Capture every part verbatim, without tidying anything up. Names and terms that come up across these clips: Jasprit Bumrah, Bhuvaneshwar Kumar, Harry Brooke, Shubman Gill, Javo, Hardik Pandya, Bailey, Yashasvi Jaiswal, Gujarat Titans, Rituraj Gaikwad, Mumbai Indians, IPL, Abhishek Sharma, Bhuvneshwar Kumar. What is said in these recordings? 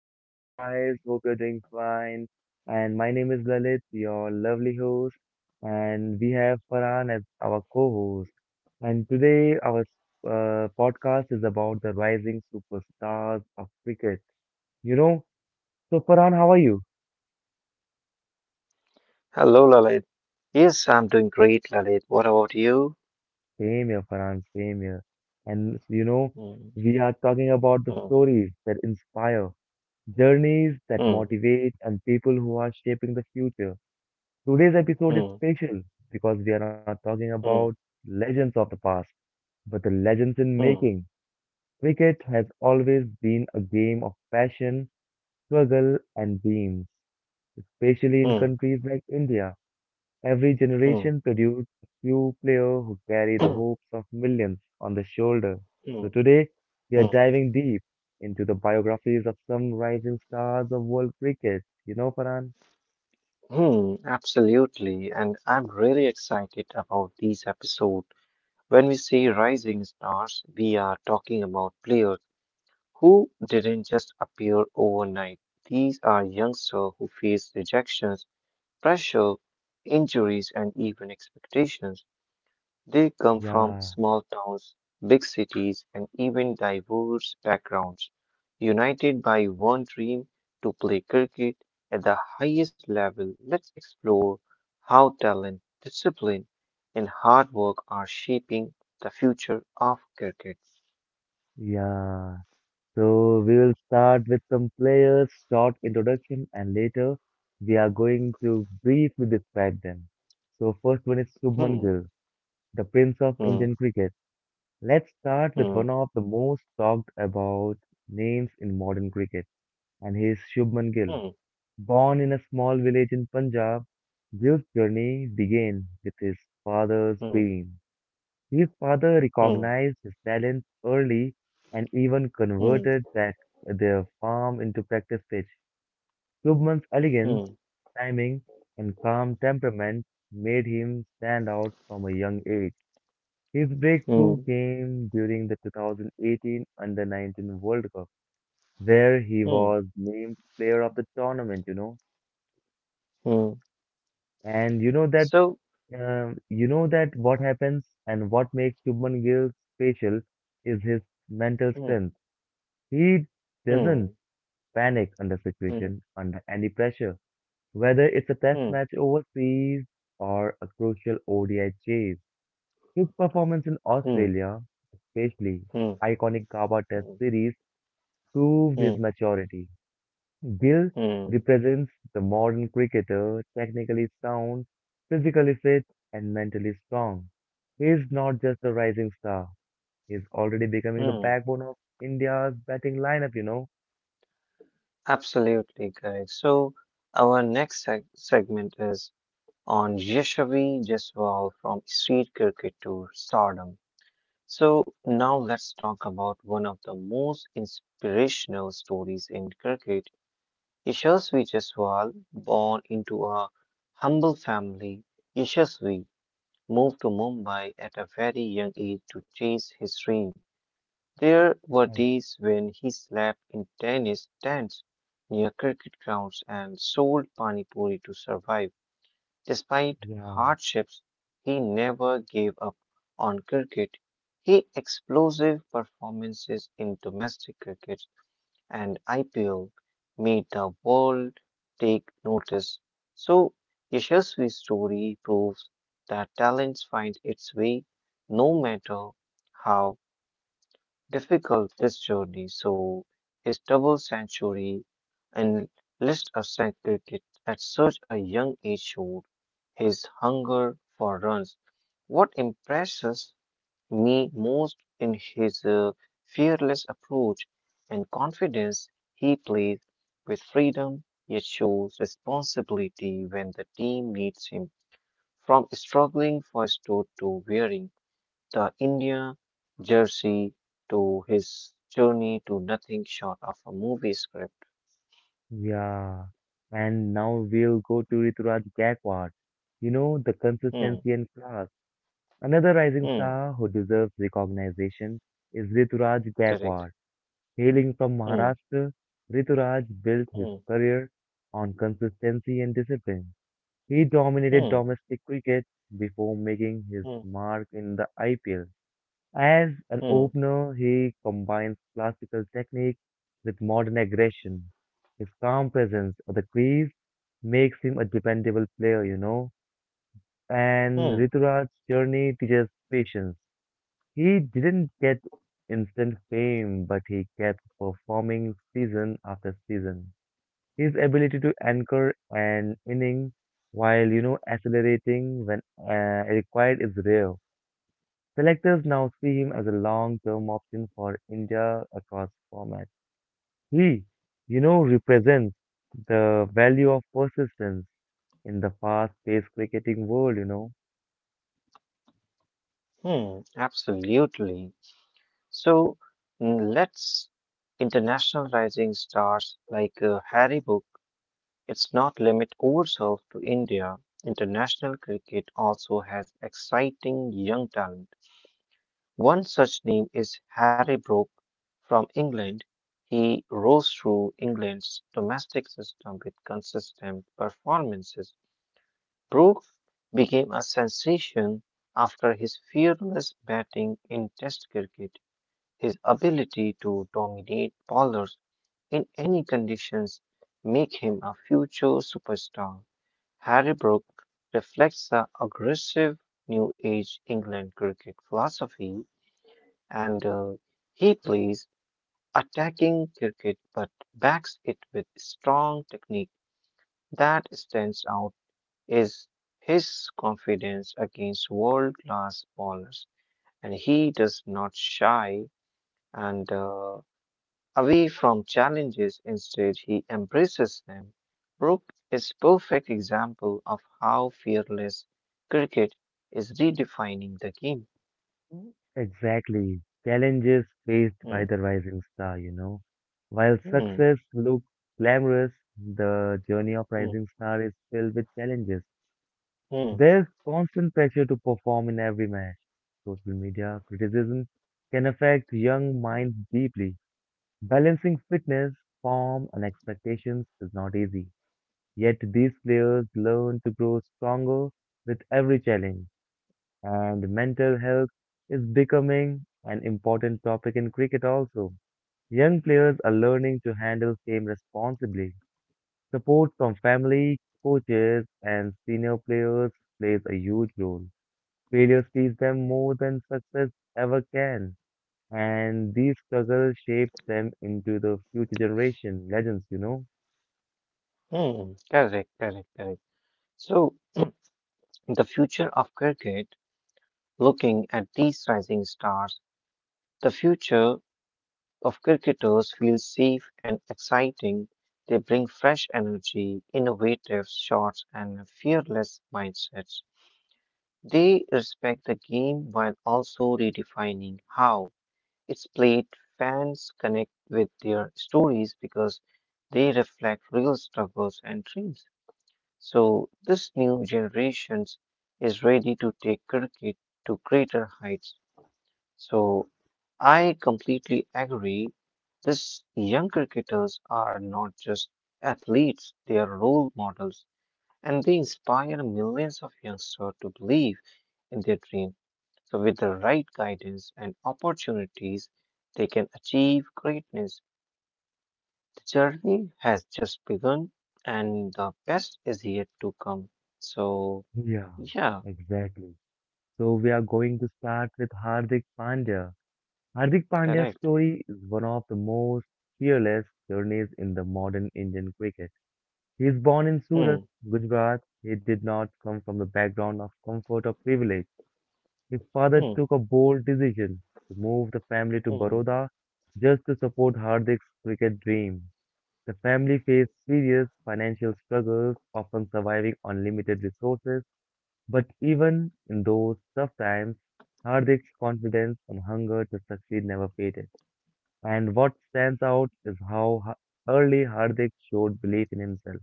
How are you guys? Hope you're doing fine. And my name is Lalit, your lovely host, and we have Farhan as our co-host. And today, our uh, podcast is about the rising superstars of cricket. You know, so Farhan, how are you? Hello, Lalit. Yes, I'm doing great, Lalit. What about you? Same here, Farhan, same here. And you know, Hmm, we are talking about hmm, the stories that inspire, journeys that hmm, motivate, and people who are shaping the future. Today's episode is hmm, special because we are not talking about hmm, legends of the past, but the legends in hmm, making. Cricket has always been a game of passion, struggle, and dreams, especially in hmm, countries like India. Every hmm, generation produced a few players who carry the hmm, hopes of millions on their shoulder. So hmm, today, we are hmm, diving deep into the biographies of some rising stars of world cricket. You know, Farhan? hmm. Absolutely, and I'm really excited about this episode. When we say rising stars, we are talking about players who didn't just appear overnight. These are youngsters who face rejections, pressure, injuries, and even expectations. They come from Yeah, small towns, big cities, and even diverse backgrounds, united by one dream to play cricket at the highest level. Let's explore how talent, discipline, and hard work are shaping the future of cricket. yeah. So we will start with some players, short introduction, and later we are going to briefly describe them. So first one is Shubman Hmm, Gill, the prince of hmm, Indian cricket. Let's start with hmm, one of the most talked about names in modern cricket, and he is Shubman Gill. hmm, Born in a small village in Punjab, Gill's journey began with his father's dream. His father hmm, recognized his talent early and even hmm, converted that their farm into practice pitch. Klubman's hmm, elegance, hmm, timing, and calm temperament made him stand out from a young age. His breakthrough hmm, came during the twenty eighteen Under nineteen World Cup, where he hmm, was named player of the tournament, you know. hmm. And you know that So, um, you know that what happens and what makes Shubman Gill special is his mental hmm, strength. He hmm, doesn't panic under hmm, situation, under any pressure, whether it's a test hmm, match overseas or a crucial O D I chase. His performance in hmm, Australia, especially hmm, iconic Kaba Test hmm, series, proved his hmm, maturity. Gill hmm. represents the modern cricketer, technically sound, physically fit, and mentally strong. He is not just a rising star, he is already becoming the hmm. backbone of India's batting lineup, you know. Absolutely, guys. So our next seg- segment is on Yashavi Jaiswal, from street cricket to stardom. So now let's talk about one of the most inspirational stories in cricket. Yashasvi Jaiswal, born into a humble family, Yashasvi moved to Mumbai at a very young age to chase his dream. There were Yes, days when he slept in tennis tents near cricket grounds and sold pani puri to survive. Despite Yeah. hardships, he never gave up on cricket. He explosive performances in domestic cricket and I P L made the world take notice. So, Yashasvi's story proves that talents find its way no matter how difficult this journey, so his double century and list of circuit at such a young age showed his hunger for runs. What impresses me most in his uh, fearless approach and confidence, he plays with freedom yet shows responsibility when the team needs him, from struggling first to, to wearing the India jersey to his journey to nothing short of a movie script. Yeah, and now we'll go to Rituraj Gaikwad. You know, the Hmm, consistency and class. Another rising hmm, star who deserves recognition is Rituraj correct. Gaikwad. Hailing from Hmm, Maharashtra, Rituraj built his hmm, career on consistency and discipline. He dominated hmm, domestic cricket before making his hmm, mark in the I P L. As an hmm, opener, he combines classical technique with modern aggression. His calm presence on the crease makes him a dependable player, you know. And hmm, Rituraj's journey teaches patience. He didn't get instant fame, but he kept performing season after season. His ability to anchor an inning while, you know, accelerating when uh, required is rare. Selectors now see him as a long-term option for India across formats. He, you know, represents the value of persistence in the fast-paced cricketing world, you know. hmm, absolutely. So, mm, let's international rising stars like uh, Harry Book. It's not limit ourselves to India. International cricket also has exciting young talent. One such name is Harry Brooke from England. He rose through England's domestic system with consistent performances. Brooke became a sensation after his fearless batting in Test cricket. His ability to dominate bowlers in any conditions make him a future superstar. Harry Brooke reflects the aggressive new age England cricket philosophy, and uh, he plays attacking cricket but backs it with strong technique. That stands out is his confidence against world class bowlers, and he does not shy and uh, away from challenges. Instead, he embraces them. Brooke is perfect example of how fearless cricket is redefining the game. Mm, Exactly. Challenges faced by Mm, the rising star, you know. While mm, success looks glamorous, the journey of mm, rising star is filled with challenges. mm, There's constant pressure to perform in every match. Social media criticism can affect young minds deeply. Balancing fitness, form, and expectations is not easy. Yet these players learn to grow stronger with every challenge, and mental health is becoming an important topic in cricket also. Young players are learning to handle fame responsibly. Support from family, coaches, and senior players plays a huge role. Failures teach them more than success ever can, and these struggles shape them into the future generation legends, you know? mm. Correct, correct, correct. So, the future of cricket, looking at these rising stars, the future of cricketers feels safe and exciting. They bring fresh energy, innovative shots, and fearless mindsets. They respect the game while also redefining how it's played. Fans connect with their stories because they reflect real struggles and dreams. So this new generations is ready to take cricket to greater heights. So I completely agree. These young cricketers are not just athletes, they are role models and they inspire millions of youngsters to believe in their dream. So with the right guidance and opportunities, they can achieve greatness. Journey has just begun and the best is yet to come. So, Yeah, yeah, exactly. So we are going to start with Hardik Pandya. Hardik Pandya's correct. story is one of the most fearless journeys in the modern Indian cricket. He is born in Surat, Hmm, Gujarat. He did not come from the background of comfort or privilege. His father hmm, took a bold decision to move the family to hmm, Baroda just to support Hardik's cricket dream. The family faced serious financial struggles, often surviving on limited resources. But even in those tough times, Hardik's confidence and hunger to succeed never faded. And what stands out is how ha- early Hardik showed belief in himself.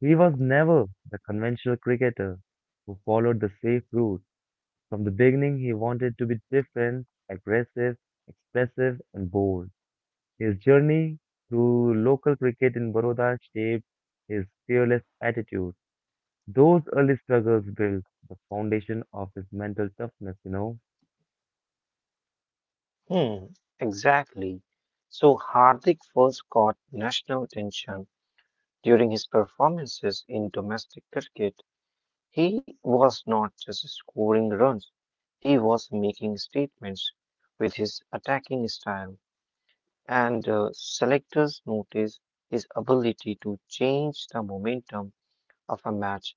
He was never the conventional cricketer who followed the safe route. From the beginning, he wanted to be different, aggressive, expressive, and bold. His journey through local cricket in Baroda shaped his fearless attitude. Those early struggles built the foundation of his mental toughness, you know. hmm. Exactly. So, Hardik first caught national attention during his performances in domestic cricket. He was not just scoring runs, he was making statements with his attacking style, and uh, selectors noticed his ability to change the momentum of a match.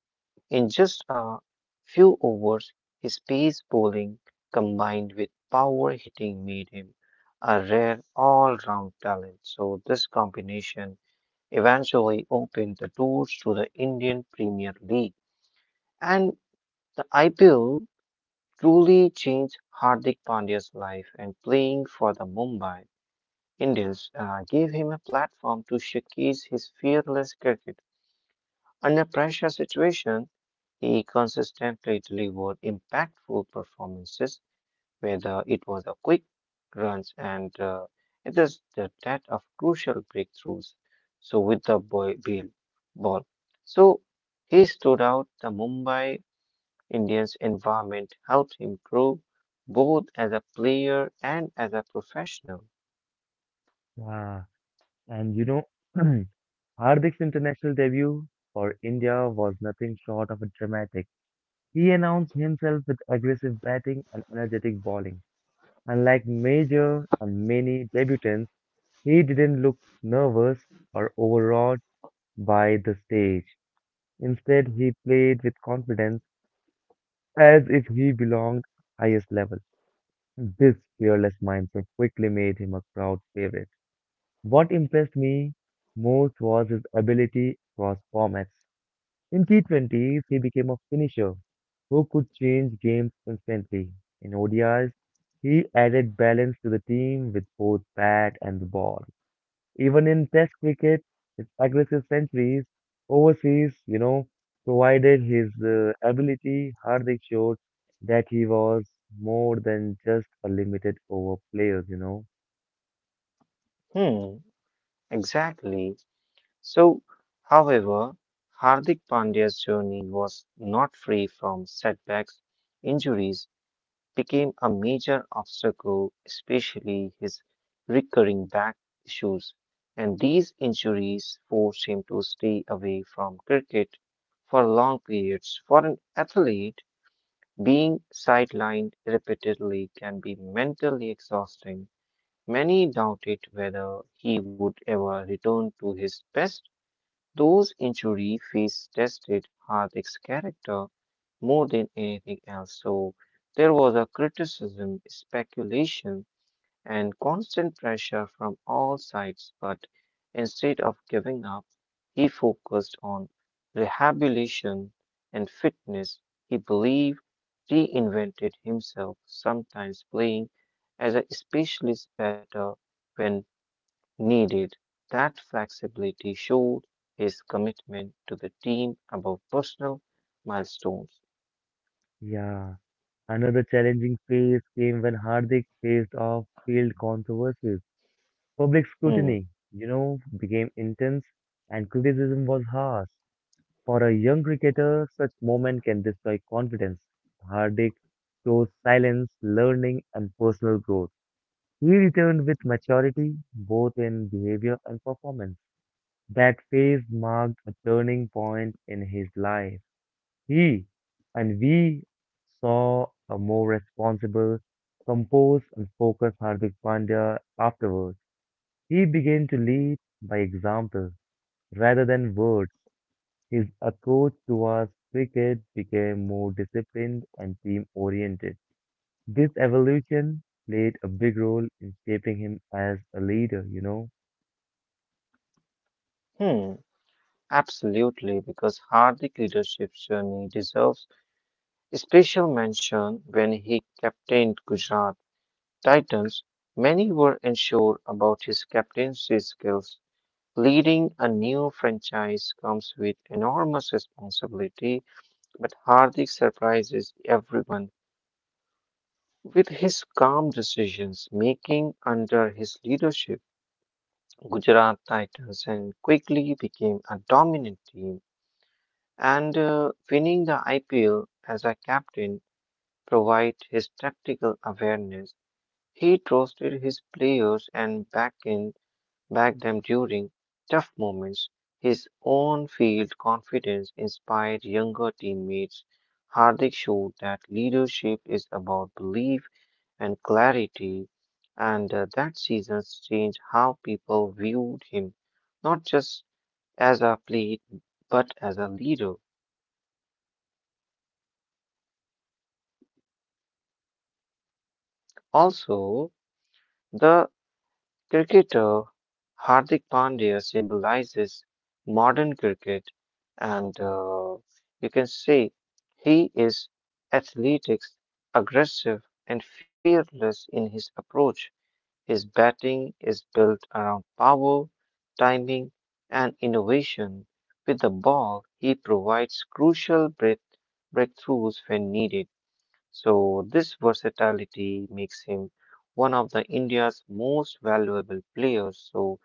In just a few overs, his pace bowling combined with power hitting made him a rare all round talent. So, this combination eventually opened the doors to the Indian Premier League. And the I P L truly changed Hardik Pandya's life, and playing for the Mumbai Indians uh, gave him a platform to showcase his fearless cricket. Under pressure situation, he consistently delivered impactful performances, whether it was a quick runs and uh, it is the that of crucial breakthroughs. So with the boy Bill ball, so he stood out. The Mumbai Indians environment helped him grow both as a player and as a professional. Yeah. And you know, Hardik's international debut for India was nothing short of a dramatic. He announced himself with aggressive batting and energetic bowling. Unlike Major and many debutants, he didn't look nervous or overawed by the stage. Instead, he played with confidence as if he belonged highest level. This fearless mindset quickly made him a crowd favorite. What impressed me most was his ability across formats. In T twenties, he became a finisher who could change games constantly. In O D Is, he added balance to the team with both bat and the ball. Even in Test cricket, his aggressive centuries overseas, you know, provided his uh, ability, Hardik showed that he was more than just a limited over player, you know. Hmm, exactly. So, however, Hardik Pandya's journey was not free from setbacks. Injuries became a major obstacle, especially his recurring back issues, and these injuries forced him to stay away from cricket for long periods. For an athlete, being sidelined repeatedly can be mentally exhausting. Many doubted whether he would ever return to his best. Those injury phase tested Hardik's character more than anything else, so there was a criticism, speculation, and constant pressure from all sides. But instead of giving up, he focused on rehabilitation and fitness. He believed reinvented himself, sometimes playing as a specialist batter when needed. That flexibility showed his commitment to the team above personal milestones. Yeah. Another challenging phase came when Hardik faced off field controversies. Public Hmm, scrutiny, you know, became intense and criticism was harsh. For a young cricketer, such moment can destroy confidence. Hardik chose silence, learning, and personal growth. He returned with maturity, both in behavior and performance. That phase marked a turning point in his life. He and we saw a more responsible, composed, and focused Hardik Pandya afterwards. He began to lead by example rather than words. His approach towards cricket became more disciplined and team oriented. This evolution played a big role in shaping him as a leader, you know? hmm, absolutely, because Hardik leadership's journey deserves special mention when he captained Gujarat Titans. Many were unsure about his captaincy skills. Leading a new franchise comes with enormous responsibility, but Hardik surprises everyone. With his calm decisions making under his leadership, Gujarat Titans and quickly became a dominant team and uh, winning the I P L as a captain provide his tactical awareness. He trusted his players and back in back them during tough moments. His Yeah. own field confidence So, inspired younger you know, teammates. Hardik showed that Hardik leadership is showed that about leadership is belief and about clarity. belief You know, and that clarity, season, and uh, that um, seasons that changed season how people changed how viewed him, people viewed him, not just not just as a as player, a player but as a but leader, as you a know. leader. And what happens as a leader? Also, the cricketer Hardik Pandya symbolizes modern cricket, and uh, you can say he is athletic, aggressive, and fearless in his approach. His batting is built around power, timing, and innovation. With the ball, he provides crucial break- breakthroughs when needed. So, this versatility makes him one of the India's most valuable players. So,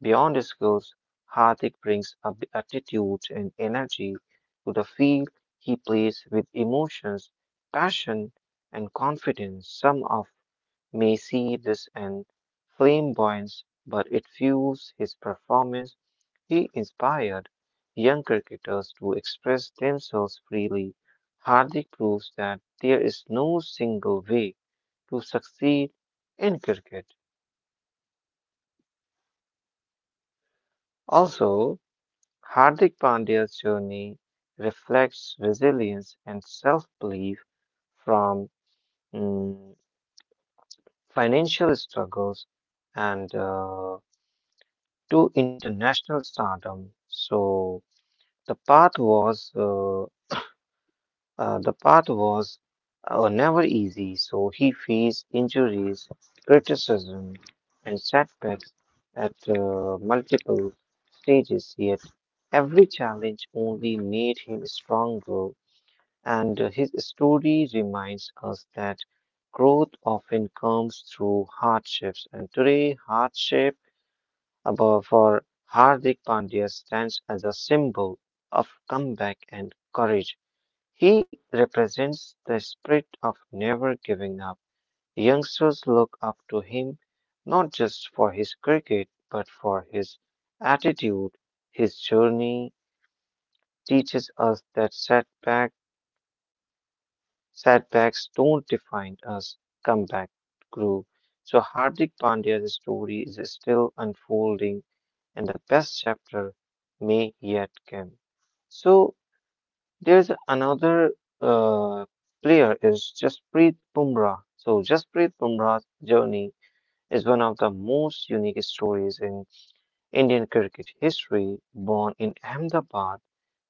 beyond his skills, Hardik brings a b- attitude and energy to the field. He plays with emotions, passion, and confidence. Some of may see this in flamboyance, but it fuels his performance. He inspired young cricketers to express themselves freely. Hardik proves that there is no single way to succeed in cricket. Also, Hardik Pandya's journey reflects resilience and self belief from mm, financial struggles and uh, to international stardom. So the path was uh, uh, the path was uh, never easy. So he faced injuries, criticism, and setbacks at uh, multiple stages. Yet every challenge only made him stronger, and uh, his story reminds us that growth often comes through hardships. And today, hardship above for Hardik Pandya stands as a symbol of comeback and courage. He represents the spirit of never giving up. Youngsters look up to him not just for his cricket but for his attitude. His journey teaches us that setback, setbacks don't define us, comeback grew. So Hardik Pandya's story is still unfolding and the best chapter may yet come. So there's another uh, player is Jasprit Bumrah. So Jasprit Bumrah's journey is one of the most unique stories in Indian cricket history. Born in Ahmedabad,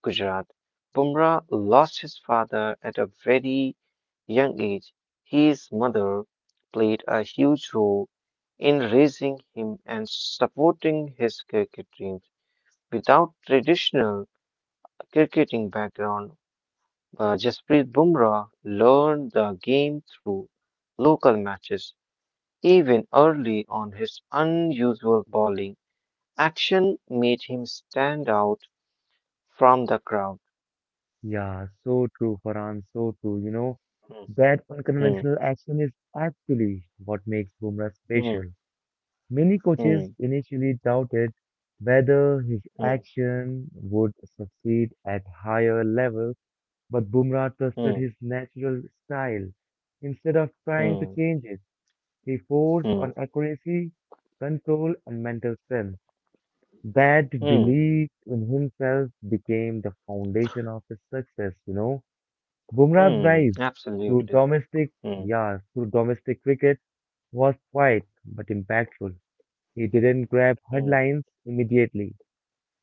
Gujarat, Bumrah lost his father at a very young age. His mother played a huge role in raising him and supporting his cricket dream. Without traditional cricketing background, uh, Jasprit Bumrah learned the game through local matches. Even early on, his unusual bowling action made him stand out from the crowd. Yeah, so true, Farhan, so true. You know, Hmm, that hmm, unconventional action is actually what makes Bumrah special. hmm, Many coaches initially doubted whether his hmm, action would succeed at higher levels, but Bumrah trusted hmm, his natural style. Instead of hmm, trying to hmm, change it, he focused on hmm, accuracy, control, and mental strength. That hmm, belief in himself became the foundation of his success, you know. Bumrah's hmm, rise to Absolutely. domestic, Hmm, yeah, to domestic cricket was quiet but impactful. He didn't grab hmm, headlines immediately,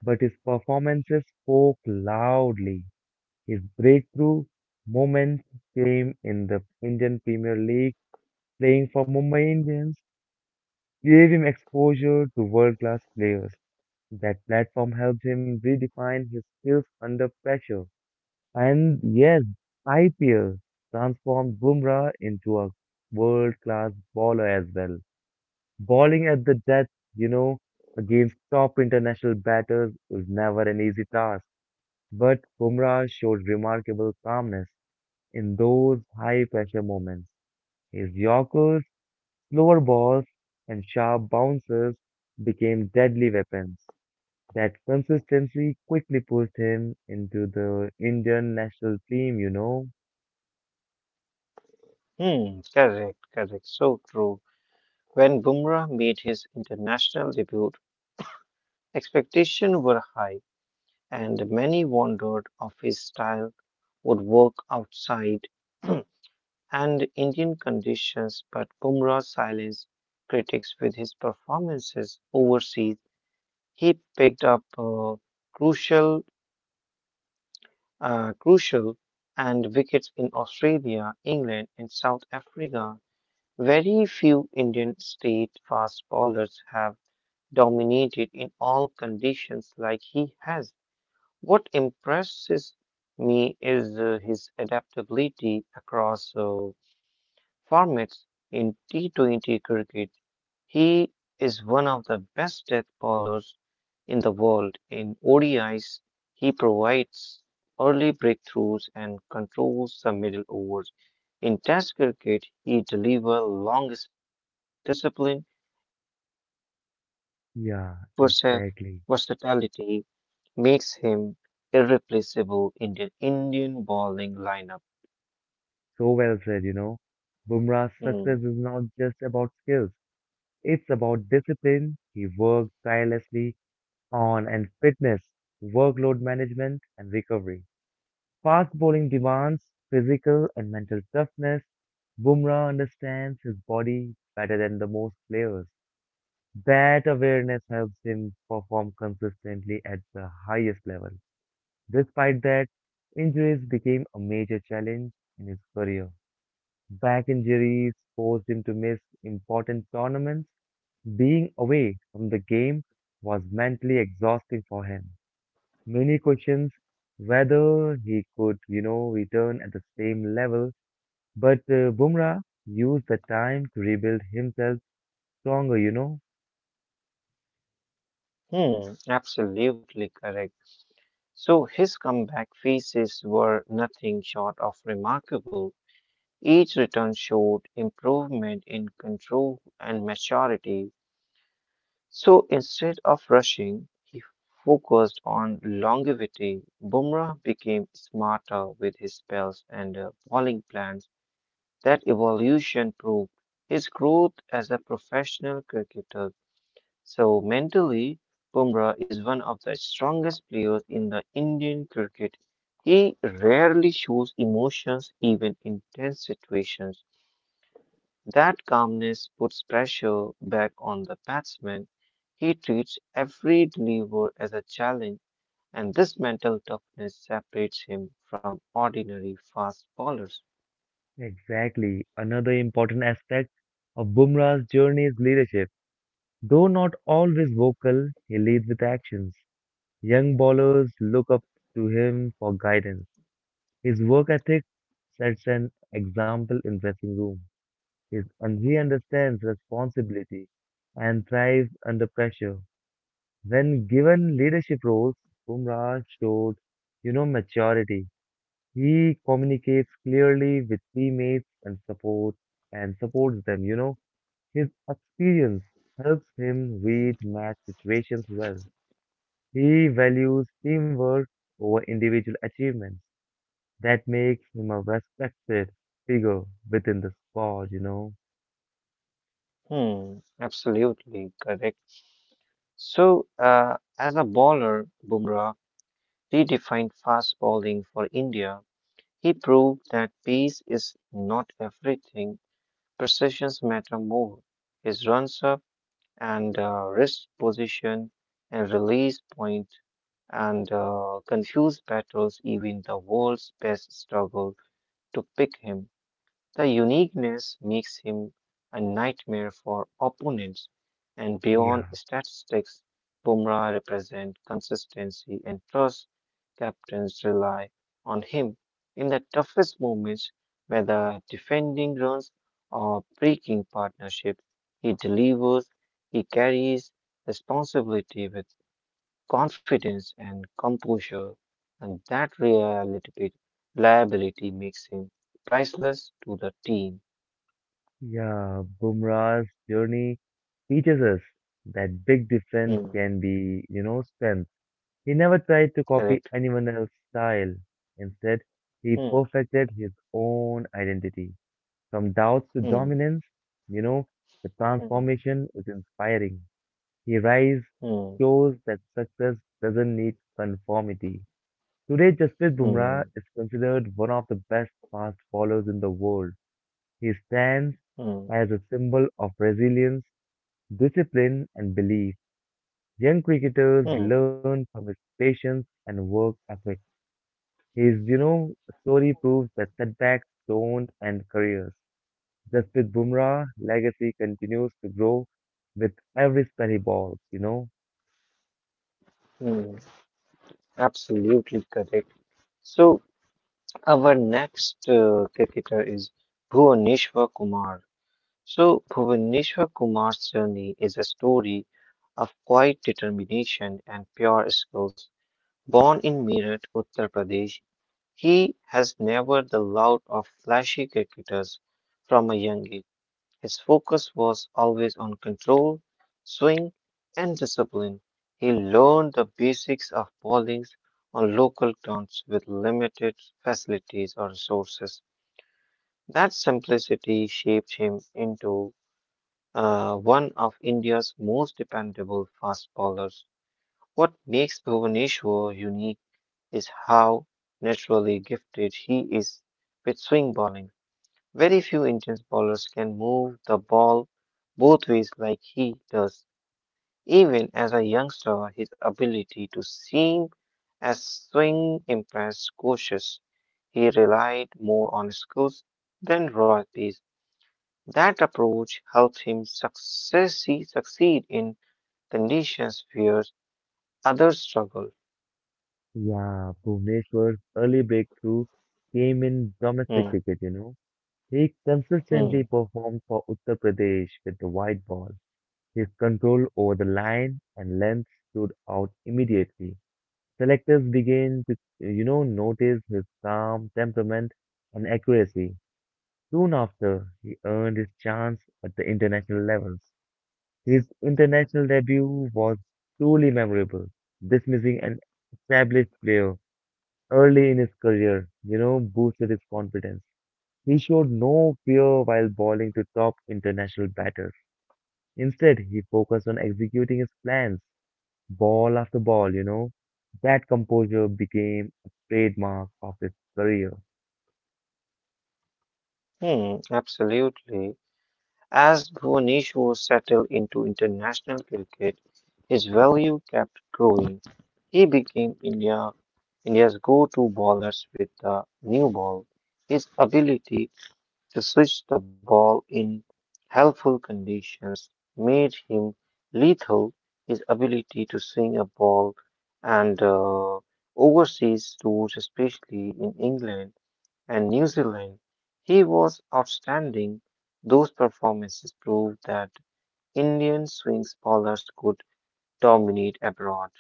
but his performances spoke loudly. His breakthrough moments came in the Indian Premier League, playing for Mumbai Indians, gave him exposure to world-class players. That platform helped him redefine his skills under pressure. And yes, I P L transformed Bumrah into a world-class bowler as well. Bowling at the death, you know, against top international batters is never an easy task. But Bumrah showed remarkable calmness in those high-pressure moments. His yorkers, slower balls, and sharp bounces became deadly weapons. That consistency quickly pushed him into the Indian national team, you know. hmm. Correct, correct. So true. When Bumrah made his international debut, expectations were high, and many wondered if his style would work outside and Indian conditions, but Bumrah silenced critics with his performances overseas. He picked up uh, crucial, uh, crucial and wickets in Australia, England, and South Africa. Very few Indian state fast bowlers have dominated in all conditions like he has. What impresses me is uh, his adaptability across uh, formats in T twenty cricket. He is one of the best death bowlers in the world. In O D Is, he provides early breakthroughs and controls the middle overs. In Test cricket, he delivers long spells with discipline and aggression, and that Yeah, versa- exactly. versatility makes him irreplaceable in the Indian bowling lineup. So well said, you know. Bumrah's Hmm. success is not just about skills, it's about discipline. He worked tirelessly on and fitness, workload management, and recovery. Fast bowling demands physical and mental toughness. Bumrah understands his body better than the most players. That awareness helps him perform consistently at the highest level. Despite that, injuries became a major challenge in his career. Back injuries forced him to miss important tournaments. Being away from the game was mentally exhausting for him. Many questions whether he could, you know, return at the same level. But uh, Bumrah used the time to rebuild himself stronger, you know. Hmm, absolutely correct. So his comeback phases were nothing short of remarkable. Each return showed improvement in control and maturity. So instead of rushing, he focused on longevity. Bumrah became smarter with his spells and uh, bowling plans. That evolution proved his growth as a professional cricketer. So mentally, Bumrah is one of the strongest players in the Indian cricket. He rarely shows emotions even in tense situations. That calmness puts pressure back on the batsman. He treats every deliver as a challenge, and this mental toughness separates him from ordinary fast bowlers. Exactly. Another important aspect of Bumrah's journey is leadership. Though not always vocal, he leads with actions. Young bowlers look up to him for guidance. His work ethic sets an example in dressing room. His, and he understands responsibility and thrives under pressure. When given leadership roles, Bumrah showed, you know, maturity. He communicates clearly with teammates and support and supports them. You know, his experience helps him read match situations well. He values teamwork over individual achievements. That makes him a respected figure within the sport, you know. Hmm, absolutely correct. So, uh, as a bowler, Bumrah redefined fast bowling for India. He proved that pace is not everything, precisions matter more. His runs up, and uh, wrist position and release point and uh, confuse battles even the world's best struggle to pick him. The uniqueness makes him a nightmare for opponents, and Yeah, beyond statistics, Bumrah represents consistency and trust. Captains rely on him in the toughest moments, whether defending runs or breaking partnerships. He delivers, he carries responsibility with confidence and composure, and that reliability reliability makes him priceless to the team. yeah. Bumrah's journey teaches us that big difference Hmm, can be, you know, strength. He never tried to copy correct. anyone else's style. Instead, he Hmm, perfected his own identity. From doubts to hmm, dominance, you know, the hmm, transformation is inspiring. He rise hmm, shows that success doesn't need conformity. Today, Jasprit Bumrah hmm, is considered one of the best fast bowlers in the world. He stands hmm, as a symbol of resilience, discipline, and belief. Young cricketers hmm, learn from his patience and work ethic. His, you know, story proves that setbacks don't end careers. Jasprit Bumrah legacy continues to grow with every spell he bowls, you know. hmm. Absolutely correct. So our next uh, cricketer is Bhuvaneshwar Kumar. So Bhuvaneshwar Kumar's journey is a story of quiet determination and pure skill. Born in Meerut, Uttar Pradesh, he has never the loud or flashy cricketers from a young age. His focus was always on control, swing, and discipline. He learned the basics of bowling on local grounds with limited facilities or resources. That simplicity shaped him into uh, one of India's most dependable fast bowlers. What makes Bhuvaneshwar unique is how naturally gifted he is with swing bowling. Very few Indian bowlers can move the ball both ways like he does. Even as a youngster, his ability to seem as swing impressed coaches. He relied more on skills than raw pace. That approach helped him success- succeed in conditions where others struggle. Yeah, Bhuvneshwar's early breakthrough came in domestic Hmm, cricket, you know. He consistently hmm, performed for Uttar Pradesh with the white ball. His control over the line and length stood out immediately. Selectors began to, you know, notice his calm temperament and accuracy. Soon after, he earned his chance at the international levels. His international debut was truly memorable, dismissing an established player early in his career, you know, boosted his confidence. He showed no fear while bowling to top international batters. Instead, he focused on executing his plans, ball after ball, you know. That composure became a trademark of his career. hmm, absolutely. As Bhuvaneshwar settled into international cricket, his value kept growing. He became India, India's go-to bowler with the new ball. His ability to switch the ball in helpful conditions made him lethal. His ability to swing a ball and uh, overseas tours, especially in England, and New Zealand. He was outstanding. Those performances proved that Indian swing bowlers could dominate abroad.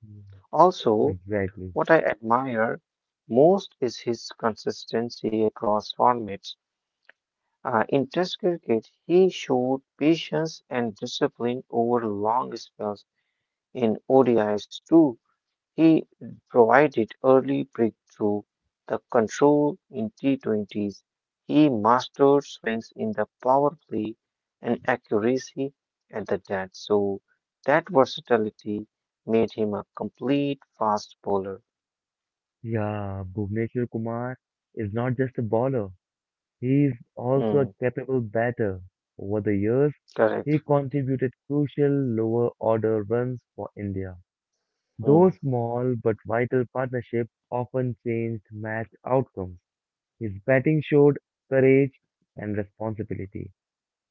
Yeah. Also, Exactly. what I admire most is his consistency across formats. Uh, in Test cricket, he showed patience and discipline over long spells in O D Is too. He provided early breakthrough the control in T twenties. He mastered swings in the power play and accuracy at the death. So that versatility made him a complete fast bowler. Yeah, Bhuvneshwar Kumar is not just a bowler, he is also a Hmm, capable batter. Over the years, he correct. contributed crucial lower order runs for India. Hmm, Those small but vital partnerships often changed match outcomes. His batting showed courage and responsibility.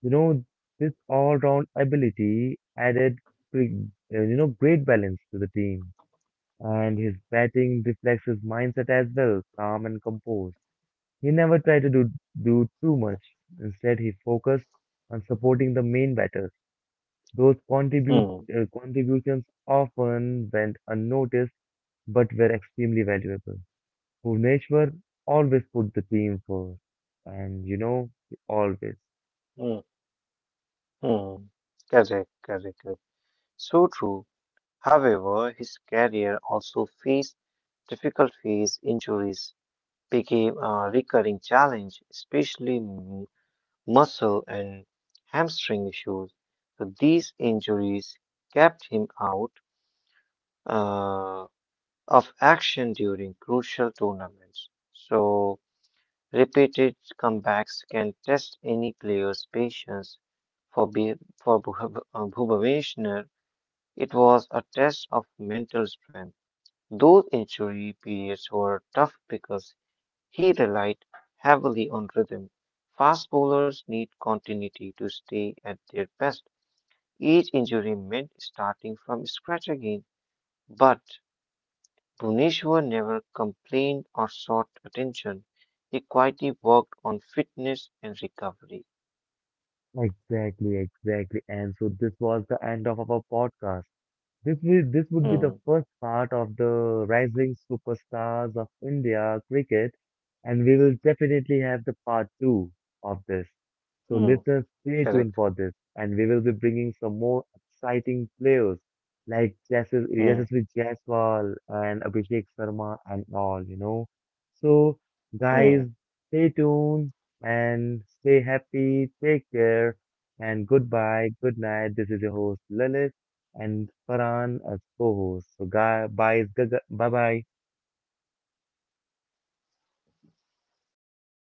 You know, this all-round ability added, pre- uh, you know, great balance to the team. And his batting reflects his mindset as well, calm and composed. He never tried to do, do too much. Instead, he focused on supporting the main batters. Those contribute, hmm, uh, contributions often went unnoticed but were extremely valuable. Bhuvneshwar always put the team first, and you know, always. hmm, hmm. Correct, correct, correct. So true. However, his career also faced difficult phase injuries. Became a recurring challenge, especially m- muscle and hamstring issues. So these injuries kept him out uh, of action during crucial tournaments. So repeated comebacks can test any player's patience. For Be- for Bhu- uh, Bhubaneswar, it was a test of mental strength. Those injury periods were tough because he relied heavily on rhythm. Fast bowlers need continuity to stay at their best. Each injury meant starting from scratch again. But Bhuneshwar never complained or sought attention. He quietly worked on fitness and recovery. Exactly, exactly. And so this was the end of our podcast. This will, this would be the Hmm, first part of the rising superstars of India cricket, and we will definitely have the part two of this. So hmm, listeners, stay correct. tuned for this, and we will be bringing some more exciting players like Jasus Hmm, Yashasvi Jaiswal and Abhishek Sharma and all, you know. So guys, hmm. stay tuned and stay happy. Take care and goodbye. Good night. This is your host Lalit and Farhan as co-host. So guy, bye, bye, bye.